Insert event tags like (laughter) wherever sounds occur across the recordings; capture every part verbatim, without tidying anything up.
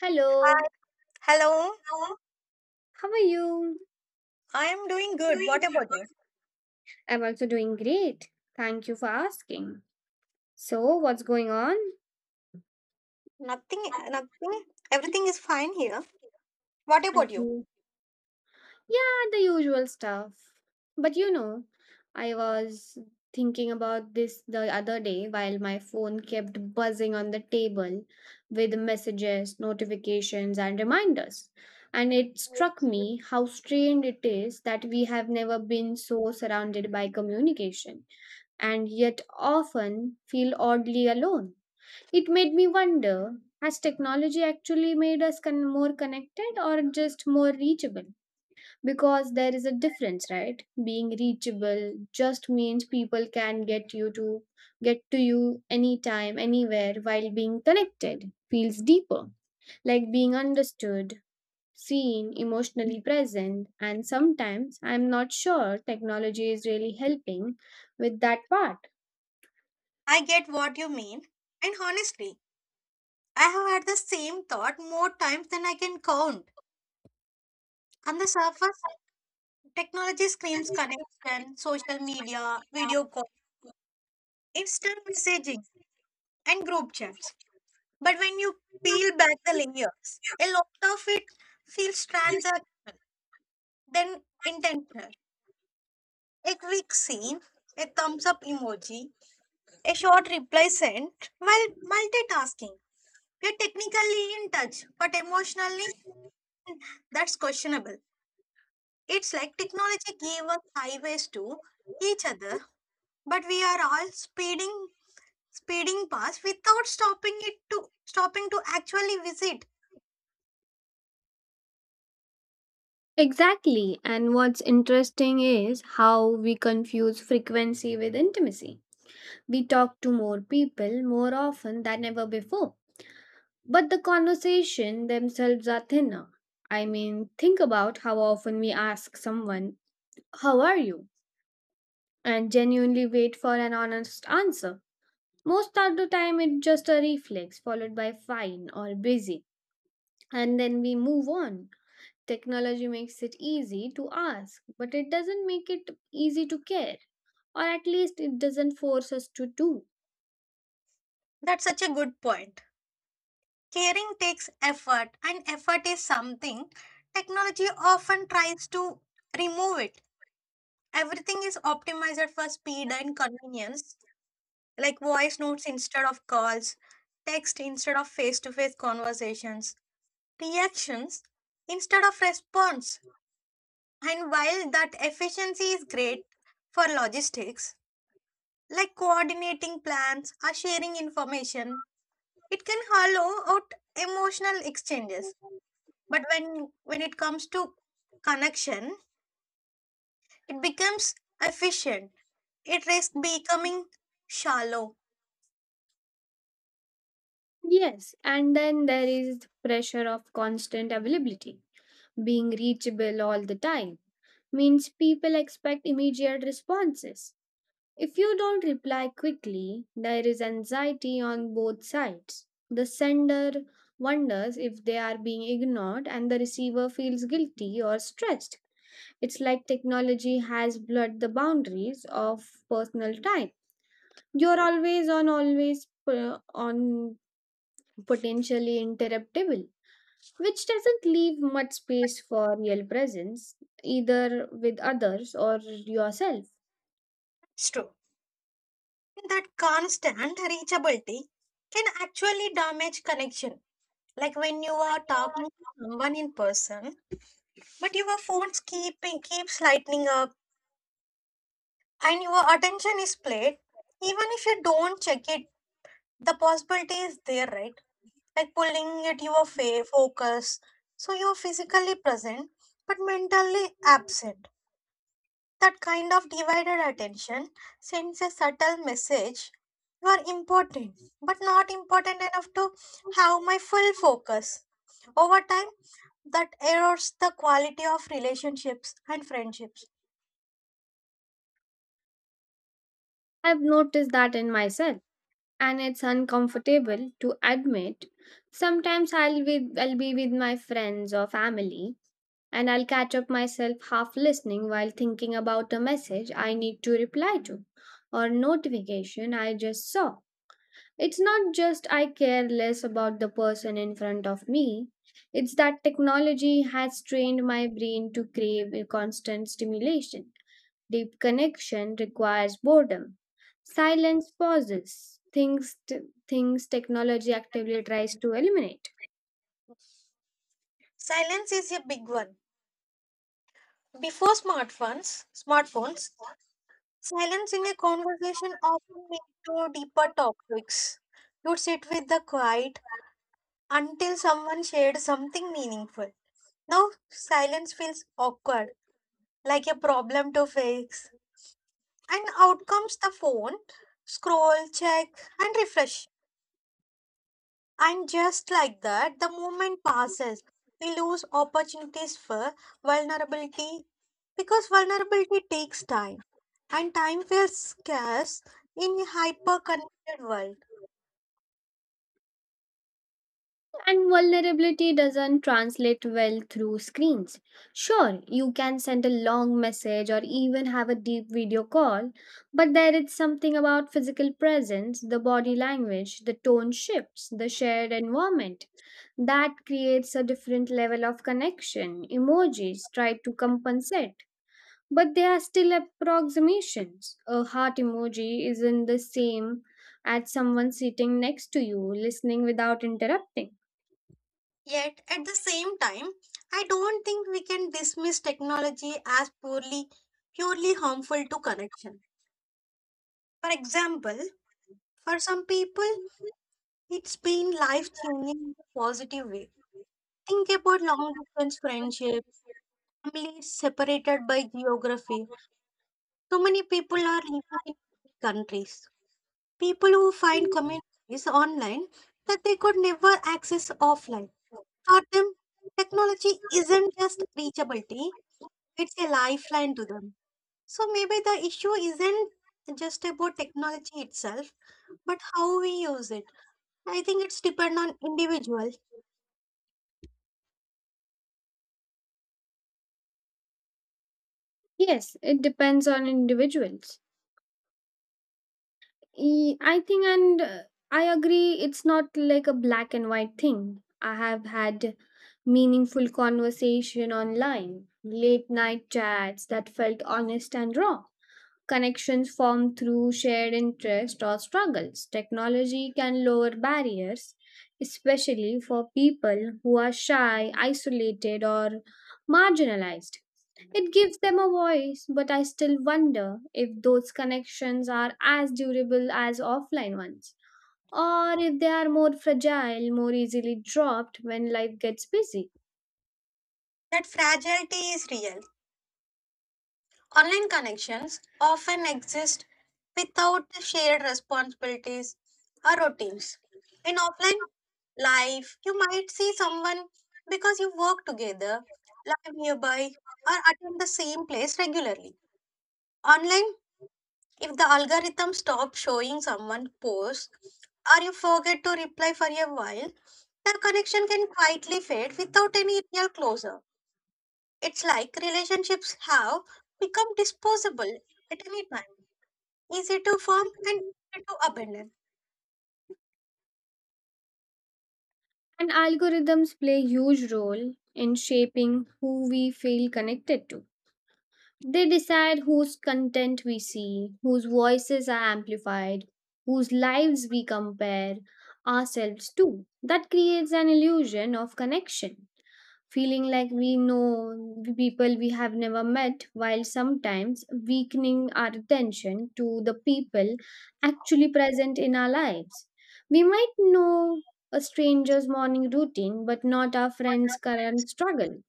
Hello, Hello, how are you? I am doing good. What about you? I'm also doing great. Thank you for asking. So, what's going on? Nothing, nothing. Everything is fine here. What about you? Everything? Yeah, the usual stuff. But you know, I was thinking about this the other day while my phone kept buzzing on the table with messages, notifications, and reminders. And it struck me how strange it is that we have never been so surrounded by communication and yet often feel oddly alone. It made me wonder, has technology actually made us con- more connected or just more reachable? Because there is a difference, right? Being reachable just means people can get you to get to you anytime, anywhere, while being connected feels deeper, like being understood, seen, emotionally present. And sometimes I'm not sure technology is really helping with that part. I get what you mean. And honestly, I have had the same thought more times than I can count. On the surface, technology screams connection, social media, video call, instant messaging, and group chats. But when you peel back the layers, a lot of it feels transact than intentional. A quick scene, a thumbs up emoji, a short reply sent while multitasking. We're technically in touch, but emotionally, that's questionable. It's like technology gave us highways to each other, but we are all speeding, speeding past without stopping it to stopping to actually visit. Exactly. And what's interesting is how we confuse frequency with intimacy. We talk to more people more often than ever before, but the conversation themselves are thinner. I mean, think about how often we ask someone, "How are you?" and genuinely wait for an honest answer. Most of the time, it's just a reflex followed by fine or busy, and then we move on. Technology makes it easy to ask, but it doesn't make it easy to care, or at least it doesn't force us to do. That's such a good point. Caring takes effort, and effort is something technology often tries to remove it. Everything is optimized for speed and convenience, like voice notes instead of calls, text instead of face to face conversations, reactions instead of response. And while that efficiency is great for logistics, like coordinating plans or sharing information, it can hollow out emotional exchanges. But when, when it comes to connection, it becomes efficient. It risks becoming shallow. Yes, and then there is pressure of constant availability. Being reachable all the time means people expect immediate responses. If you don't reply quickly, there is anxiety on both sides. The sender wonders if they are being ignored, and the receiver feels guilty or stressed. It's like technology has blurred the boundaries of personal time. You're always on, always uh, on, potentially interruptible, which doesn't leave much space for real presence, either with others or yourself. It's true, that constant reachability can actually damage connection. Like when you are talking to someone in person, but your phone's keeping keeps lightening up and your attention is played, even if you don't check it, the possibility is there, right? Like pulling at your fa- focus. So you're physically present but mentally absent. That kind of divided attention sends a subtle message: you are important, but not important enough to have my full focus. Over time, that erodes the quality of relationships and friendships. I've noticed that in myself, and it's uncomfortable to admit. Sometimes I'll be, I'll be with my friends or family, and I'll catch up myself half listening while thinking about a message I need to reply to or notification I just saw. It's not just I care less about the person in front of me, it's that technology has trained my brain to crave a constant stimulation. Deep connection requires boredom. Silence, pauses, things, t- things technology actively tries to eliminate. Silence is a big one. Before smartphones, smartphones, silence in a conversation often led to deeper topics. You'd sit with the quiet until someone shared something meaningful. Now silence feels awkward, like a problem to fix. And out comes the phone, scroll, check, and refresh. And just like that, the moment passes. We lose opportunities for vulnerability because vulnerability takes time, and time feels scarce in a hyper connected world. And vulnerability doesn't translate well through screens. Sure, you can send a long message or even have a deep video call, but there is something about physical presence, the body language, the tone shifts, the shared environment that creates a different level of connection. Emojis try to compensate, but they are still approximations. A heart emoji isn't the same as someone sitting next to you, listening without interrupting. Yet, at the same time, I don't think we can dismiss technology as purely purely harmful to connection. For example, for some people, it's been life-changing in a positive way. Think about long-distance friendship, families separated by geography. So many people are living in countries. People who find communities online that they could never access offline. For them, technology isn't just reachability, it's a lifeline to them. So maybe the issue isn't just about technology itself, but how we use it. I think it's depend on individual. Yes, it depends on individuals. E- I think, and uh, I agree, it's not like a black and white thing. I have had meaningful conversation online, late night chats that felt honest and raw. Connections formed through shared interests or struggles. Technology can lower barriers, especially for people who are shy, isolated, or marginalized. It gives them a voice, but I still wonder if those connections are as durable as offline ones, or if they are more fragile, more easily dropped when life gets busy. That fragility is real. Online connections often exist without the shared responsibilities or routines. In offline life, you might see someone because you work together, live nearby, or attend the same place regularly. Online, if the algorithm stops showing someone posts or you forget to reply for a while, the connection can quietly fade without any real closure. It's like relationships have become disposable at any time, easy to form and easy to abandon. And algorithms play a huge role in shaping who we feel connected to. They decide whose content we see, whose voices are amplified, whose lives we compare ourselves to. That creates an illusion of connection, feeling like we know the people we have never met, while sometimes weakening our attention to the people actually present in our lives. We might know a stranger's morning routine, but not our friend's current struggle.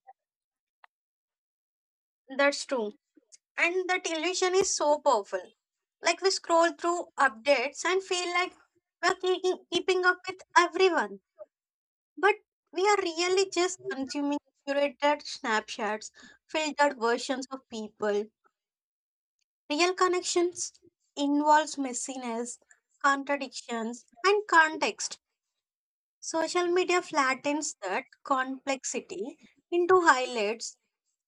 That's true. And that illusion is so powerful. Like we scroll through updates and feel like we're keeping, keeping up with everyone. But we are really just consuming curated snapshots, filtered versions of people. Real connections involves messiness, contradictions, and context. Social media flattens that complexity into highlights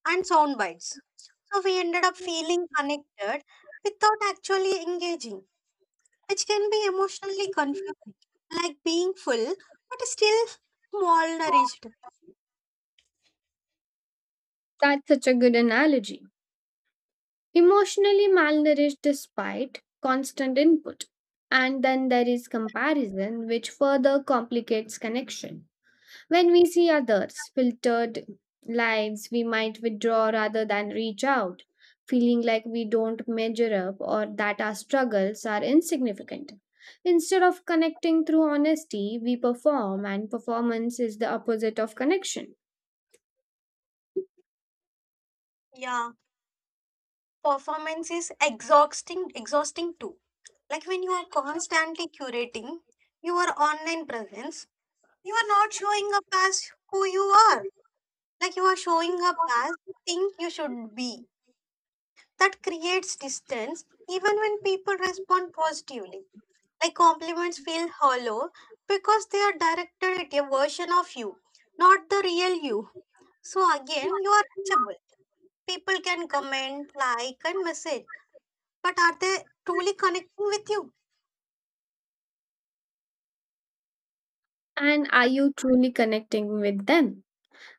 and sound bites. So we ended up feeling connected without actually engaging, which can be emotionally confusing, like being full but still malnourished. That's such a good analogy, emotionally malnourished despite constant input. And then there is comparison, which further complicates connection. When we see others' filtered lives, we might withdraw rather than reach out, feeling like we don't measure up or that our struggles are insignificant. Instead of connecting through honesty, we perform, and performance is the opposite of connection. Yeah, performance is exhausting, exhausting too. Like when you are constantly curating your online presence, you are not showing up as who you are. Like you are showing up as you think you should be. That creates distance even when people respond positively. Like compliments feel hollow because they are directed at a version of you, not the real you. So again, you are reachable. People can comment, like, and message, but are they truly connecting with you? And are you truly connecting with them?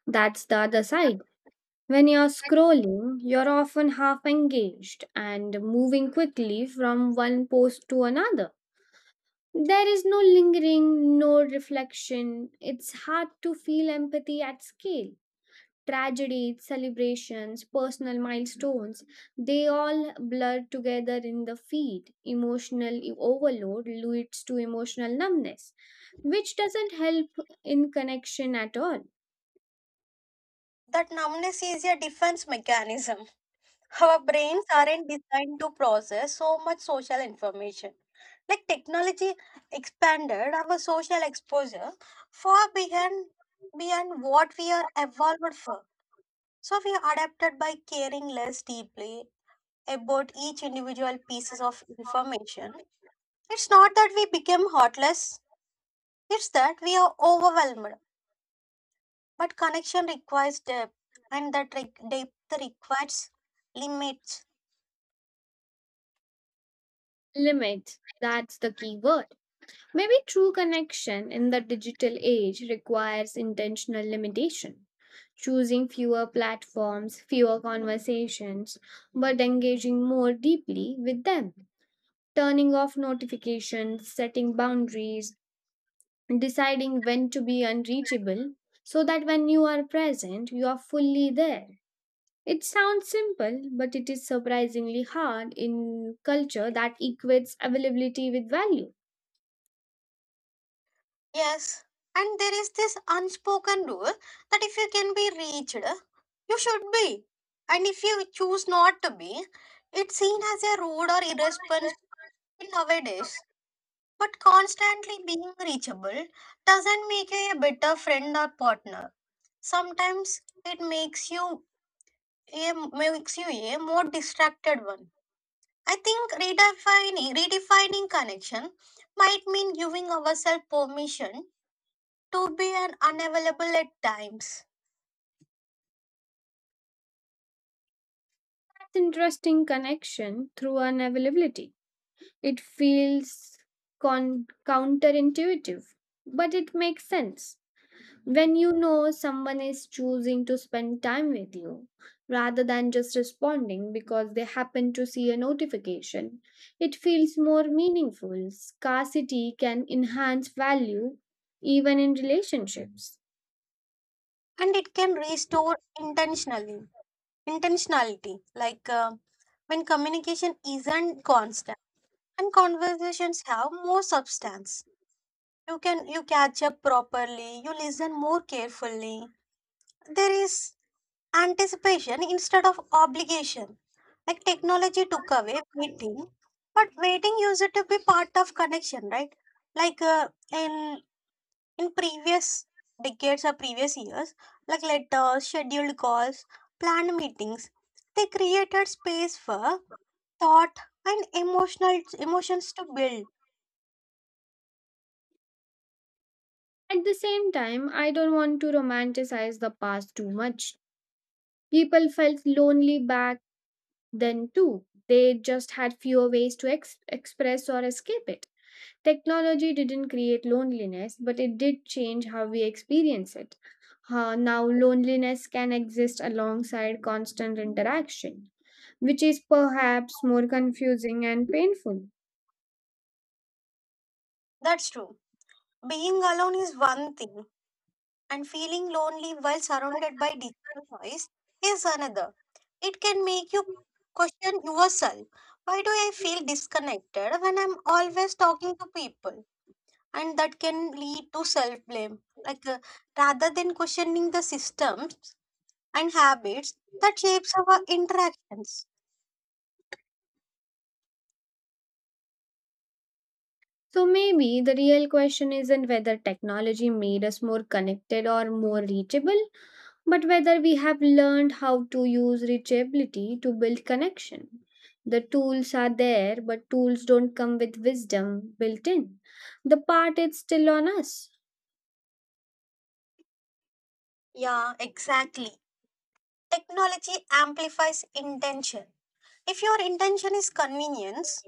That's the other side. When you're scrolling, you're often half engaged and moving quickly from one post to another. There is no lingering, no reflection. It's hard to feel empathy at scale. Tragedies, celebrations, personal milestones, they all blur together in the feed. Emotional e-, overload leads to emotional numbness, which doesn't help in connection at all. That numbness is a defense mechanism. (laughs) Our brains aren't designed to process so much social information. Like technology expanded our social exposure far beyond beyond what we are evolved for. So we adapted by caring less deeply about each individual pieces of information. It's not that we became heartless, it's that we are overwhelmed. But connection requires depth, and that re- depth requires limits. Limit, that's the key word. Maybe true connection in the digital age requires intentional limitation. Choosing fewer platforms, fewer conversations, but engaging more deeply with them. Turning off notifications, setting boundaries, deciding when to be unreachable so that when you are present, you are fully there. It sounds simple, but it is surprisingly hard in culture that equates availability with value. Yes, and there is this unspoken rule that if you can be reached, you should be. And if you choose not to be, it's seen as a rude or irresponsible nowadays. But constantly being reachable doesn't make you a better friend or partner. Sometimes it makes you a makes you a more distracted one. I think redefining redefining connection might mean giving ourselves permission to be an unavailable at times, That's interesting, connection through unavailability. It feels con- counterintuitive, but it makes sense. When you know someone is choosing to spend time with you rather than just responding because they happen to see a notification, it feels more meaningful. Scarcity can enhance value even in relationships. and it can restore intentionally intentionality. Like uh, when communication isn't constant and conversations have more substance, you can you catch up properly, you listen more carefully, there is anticipation instead of obligation. Like technology took away waiting, but waiting used to be part of connection, right? Like uh, in in previous decades or previous years, like letters, scheduled calls, planned meetings, they created space for thought and emotional emotions to build. At the same time, I don't want to romanticize the past too much. People felt lonely back then, too, they just had fewer ways to ex- express or escape it. Technology didn't create loneliness, but it did change how we experience it. Uh, now, loneliness can exist alongside constant interaction, which is perhaps more confusing and painful. That's true. Being alone is one thing, and feeling lonely while surrounded by digital noise is another. It can make you question yourself. Why do I feel disconnected when I'm always talking to people? And that can lead to self blame. Like uh, rather than questioning the systems and habits that shapes our interactions. So, maybe the real question isn't whether technology made us more connected or more reachable, but whether we have learned how to use reachability to build connection. The tools are there, but tools don't come with wisdom built in. The part is still on us. Yeah, exactly. Technology amplifies intention. If your intention is convenience,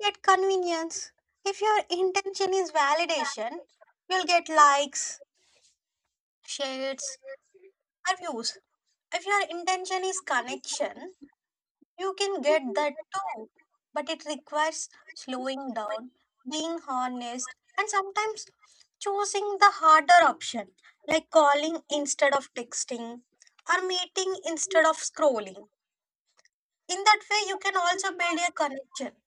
yet convenience. If your intention is validation, you'll get likes, shares, or views. If your intention is connection, you can get that too. But it requires slowing down, being honest, and sometimes choosing the harder option, like calling instead of texting or meeting instead of scrolling. In that way, you can also build a connection.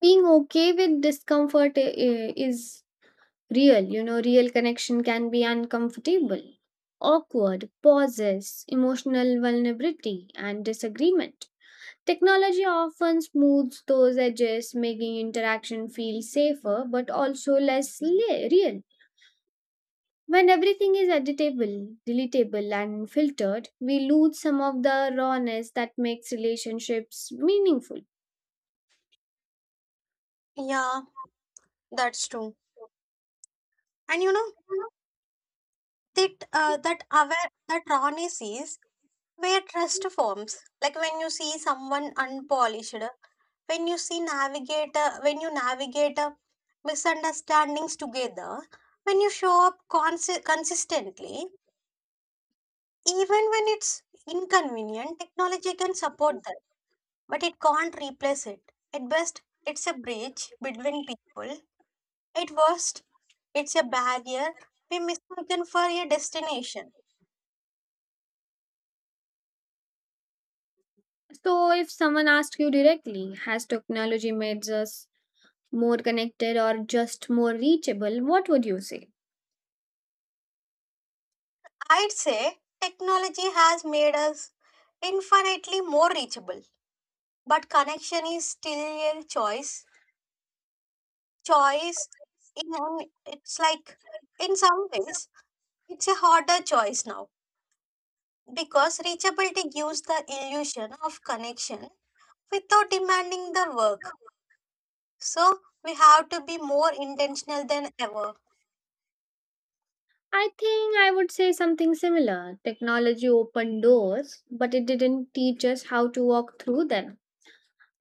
Being okay with discomfort i- i- is real. You know, real connection can be uncomfortable, awkward, pauses, emotional vulnerability, and disagreement. Technology often smooths those edges, making interaction feel safer but also less le- real. When everything is editable, deletable, and filtered, we lose some of the rawness that makes relationships meaningful. Yeah, that's true. And you know, that uh, that aware that rawness is where trust forms, like when you see someone unpolished, when you see navigator when you navigate uh, misunderstandings together, when you show up consi- consistently even when it's inconvenient. Technology can support that, but it can't replace it. At best, it's a bridge between people. At worst, it's a barrier we mistaken for a destination. So, if someone asks you directly, has technology made us more connected or just more reachable, what would you say? I'd say technology has made us infinitely more reachable, but connection is still a choice. Choice, in it's like in some ways, it's a harder choice now because reachability gives the illusion of connection without demanding the work. So we have to be more intentional than ever. I think I would say something similar. Technology opened doors, but it didn't teach us how to walk through them.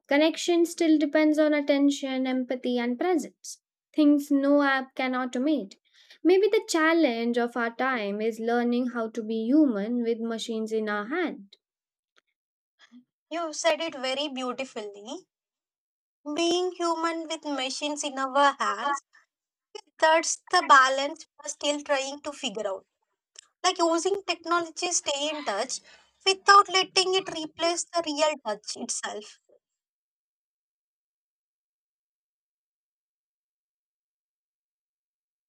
Connection still depends on attention, empathy, and presence, things no app can automate. Maybe the challenge of our time is learning how to be human with machines in our hand. You said it very beautifully. Being human with machines in our hands, that's the balance we're still trying to figure out. Like using technology, stay in touch without letting it replace the real touch itself.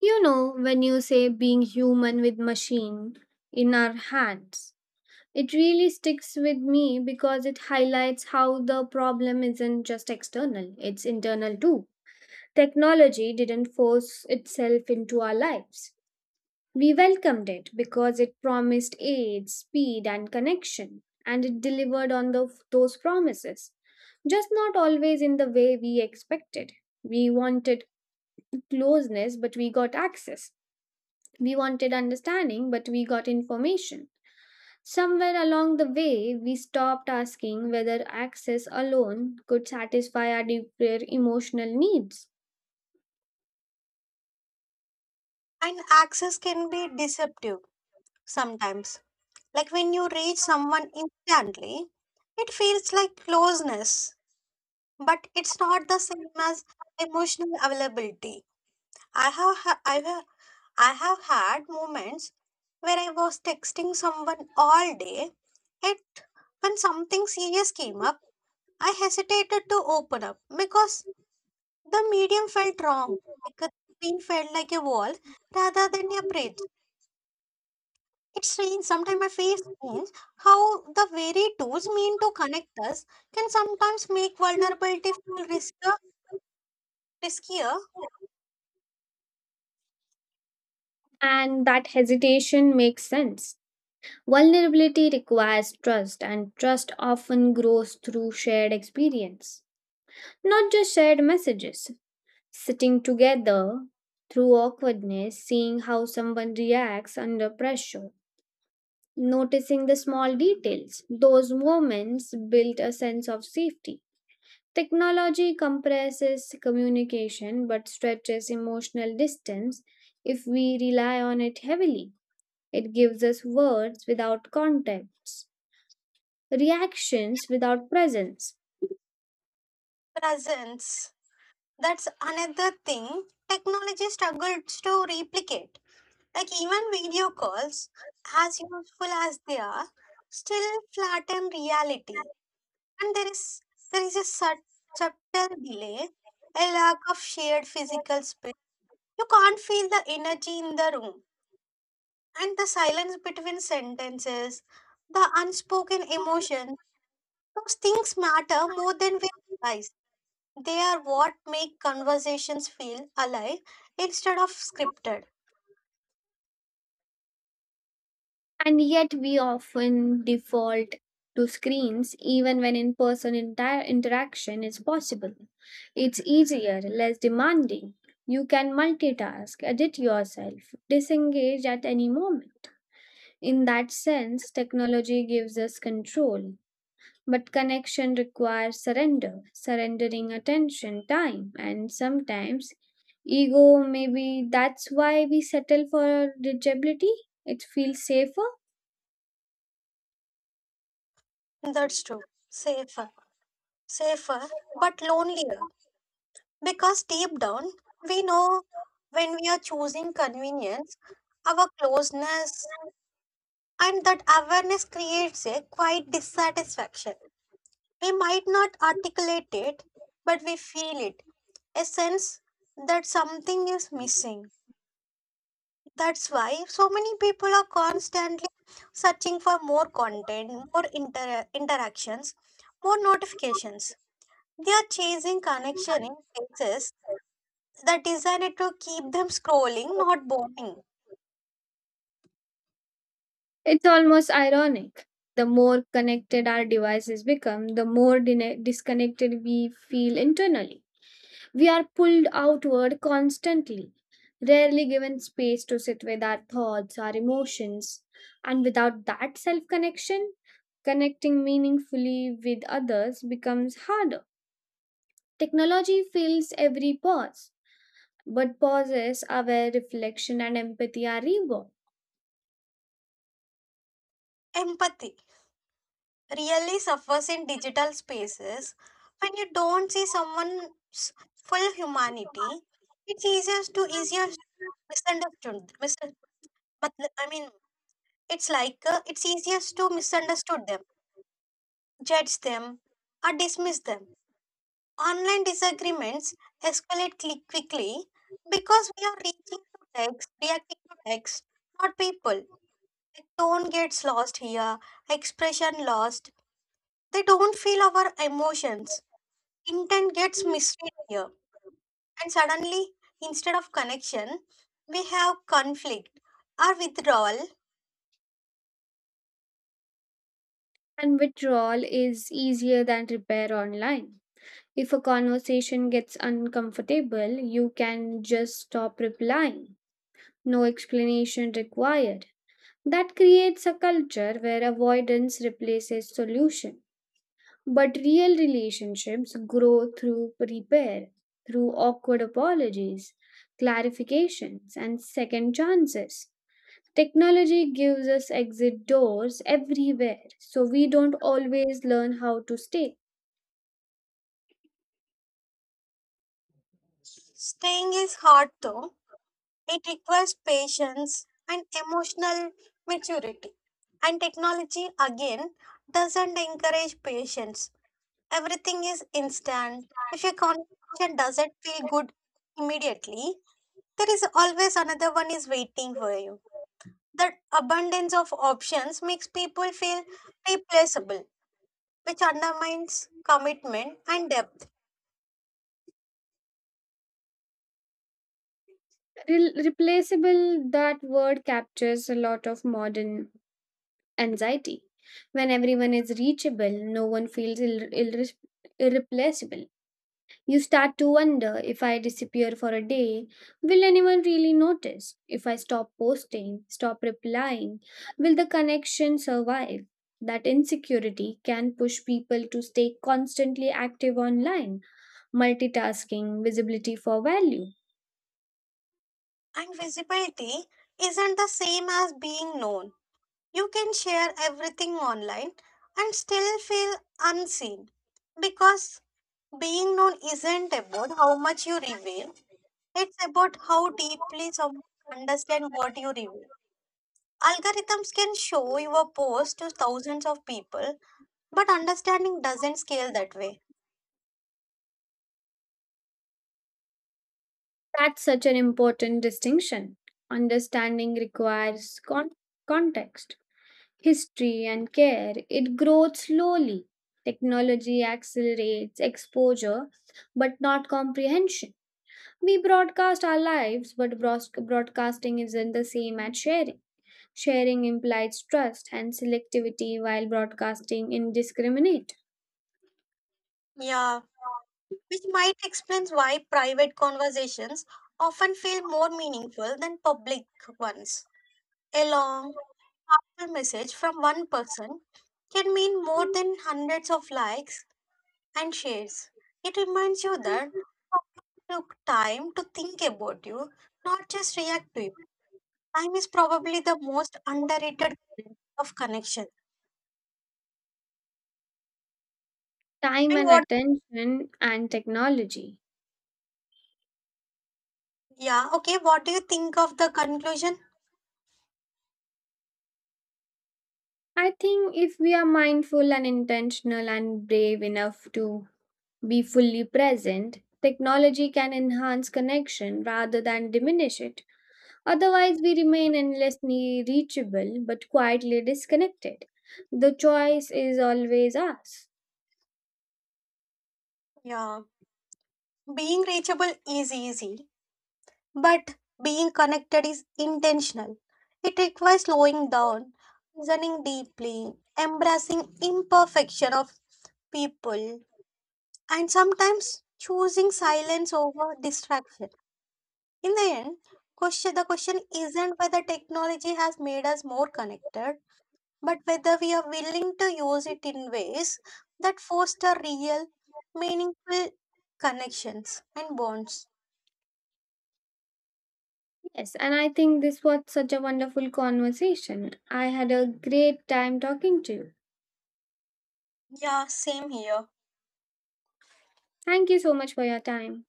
You know, when you say being human with machine in our hands, it really sticks with me because it highlights how the problem isn't just external, it's internal too. Technology didn't force itself into our lives. We welcomed it because it promised aid, speed, and connection, and it delivered on the, those promises, just not always in the way we expected. We wanted closeness, but we got access. We wanted understanding, but we got information. Somewhere along the way, we stopped asking whether access alone could satisfy our deeper emotional needs. And access can be deceptive sometimes. Like when you reach someone instantly, it feels like closeness, but it's not the same as emotional availability. I have ha- I have I have had moments where I was texting someone all day, yet when something serious came up, I hesitated to open up because the medium felt wrong. Like the screen felt like a wall rather than a bridge. It's strange. Sometimes I feel strange how the very tools mean to connect us can sometimes make vulnerability feel riskier, riskier And that hesitation makes sense. Vulnerability requires trust, and trust often grows through shared experience, not just shared messages. Sitting together through awkwardness, seeing how someone reacts under pressure, noticing the small details, those moments build a sense of safety. Technology compresses communication but stretches emotional distance if we rely on it heavily. It gives us words without context, reactions without presence. Presence. That's another thing technology struggles to replicate. Like even video calls, as useful as they are, still flatten reality. And there is there is a sub- subtle delay, a lack of shared physical space. You can't feel the energy in the room and the silence between sentences, the unspoken emotions, those things matter more than we realize. They are what make conversations feel alive instead of scripted. And yet, we often default to screens even when in person inter- interaction is possible. It's easier, less demanding. You can multitask, edit yourself, disengage at any moment. In that sense, technology gives us control, but connection requires surrender, surrendering attention, time, and sometimes ego. Maybe that's why we settle for digitability. It feels safer. That's true. Safer, safer, but lonelier. Because deep down, we know when we are choosing convenience, our closeness, and that awareness creates a quiet dissatisfaction. We might not articulate it, but we feel it, a sense that something is missing. That's why so many people are constantly searching for more content, more inter- interactions, more notifications. They are chasing connection in places that designed to keep them scrolling, not bonding. It's almost ironic. The more connected our devices become, the more dine- disconnected we feel internally. We are pulled outward constantly, rarely given space to sit with our thoughts, our emotions, and without that self connection, connecting meaningfully with others becomes harder. Technology fills every pause, but pauses are where reflection and empathy are reborn, Empathy really suffers in digital spaces when you don't see someone's full humanity. It's easier to easier to misunderstood. Mis- I mean, it's like, uh, it's easiest to misunderstand them, judge them, or dismiss them. Online disagreements escalate cli- quickly because we are reaching to text, reacting to text, not people. The tone gets lost here, expression lost. They don't feel our emotions. Intent gets misread here, and suddenly, instead of connection, we have conflict or withdrawal. and withdrawal is easier than repair online. If a conversation gets uncomfortable, you can just stop replying. No explanation required. That creates a culture where avoidance replaces solution. But real relationships grow through repair, through awkward apologies, clarifications, and second chances. Technology gives us exit doors everywhere, so we don't always learn how to stay. Staying is hard though. It requires patience and emotional maturity. And technology again doesn't encourage patience. Everything is instant. If your conversation doesn't feel good immediately, there is always another one is waiting for you. That abundance of options makes people feel replaceable, which undermines commitment and depth. Re- replaceable, that word captures a lot of modern anxiety. When everyone is reachable, no one feels irre- irre- irreplaceable. You start to wonder, if I disappear for a day, will anyone really notice? If I stop posting, stop replying, will the connection survive? That insecurity can push people to stay constantly active online, multitasking, visibility for value. And visibility isn't the same as being known. You can share everything online and still feel unseen, because being known isn't about how much you reveal, it's about how deeply someone understands what you reveal. Algorithms can show your post to thousands of people, but understanding doesn't scale that way. That's such an important distinction. Understanding requires con- context, history, and care, it grows slowly. Technology accelerates exposure, but not comprehension. We broadcast our lives, but broas- broadcasting isn't the same as sharing. Sharing implies trust and selectivity, while broadcasting indiscriminate Yeah, which might explain why private conversations often feel more meaningful than public ones. A long, heartfelt message from one person can mean more than hundreds of likes and shares. It reminds you that someone took time to think about you, not just react to you. Time is probably the most underrated kind of connection. time And and what, attention and technology. yeah, okay, what do you think of the conclusion? I think if we are mindful and intentional and brave enough to be fully present, technology can enhance connection rather than diminish it. Otherwise, we remain endlessly reachable but quietly disconnected. The choice is always us. Yeah, being reachable is easy, but being connected is intentional. It requires slowing down, listening deeply, embracing imperfection of people, and sometimes choosing silence over distraction. In the end, question, the question isn't whether technology has made us more connected, but whether we are willing to use it in ways that foster real, meaningful connections and bonds. Yes, and I think this was such a wonderful conversation. I had a great time talking to you. Yeah, same here. Thank you so much for your time.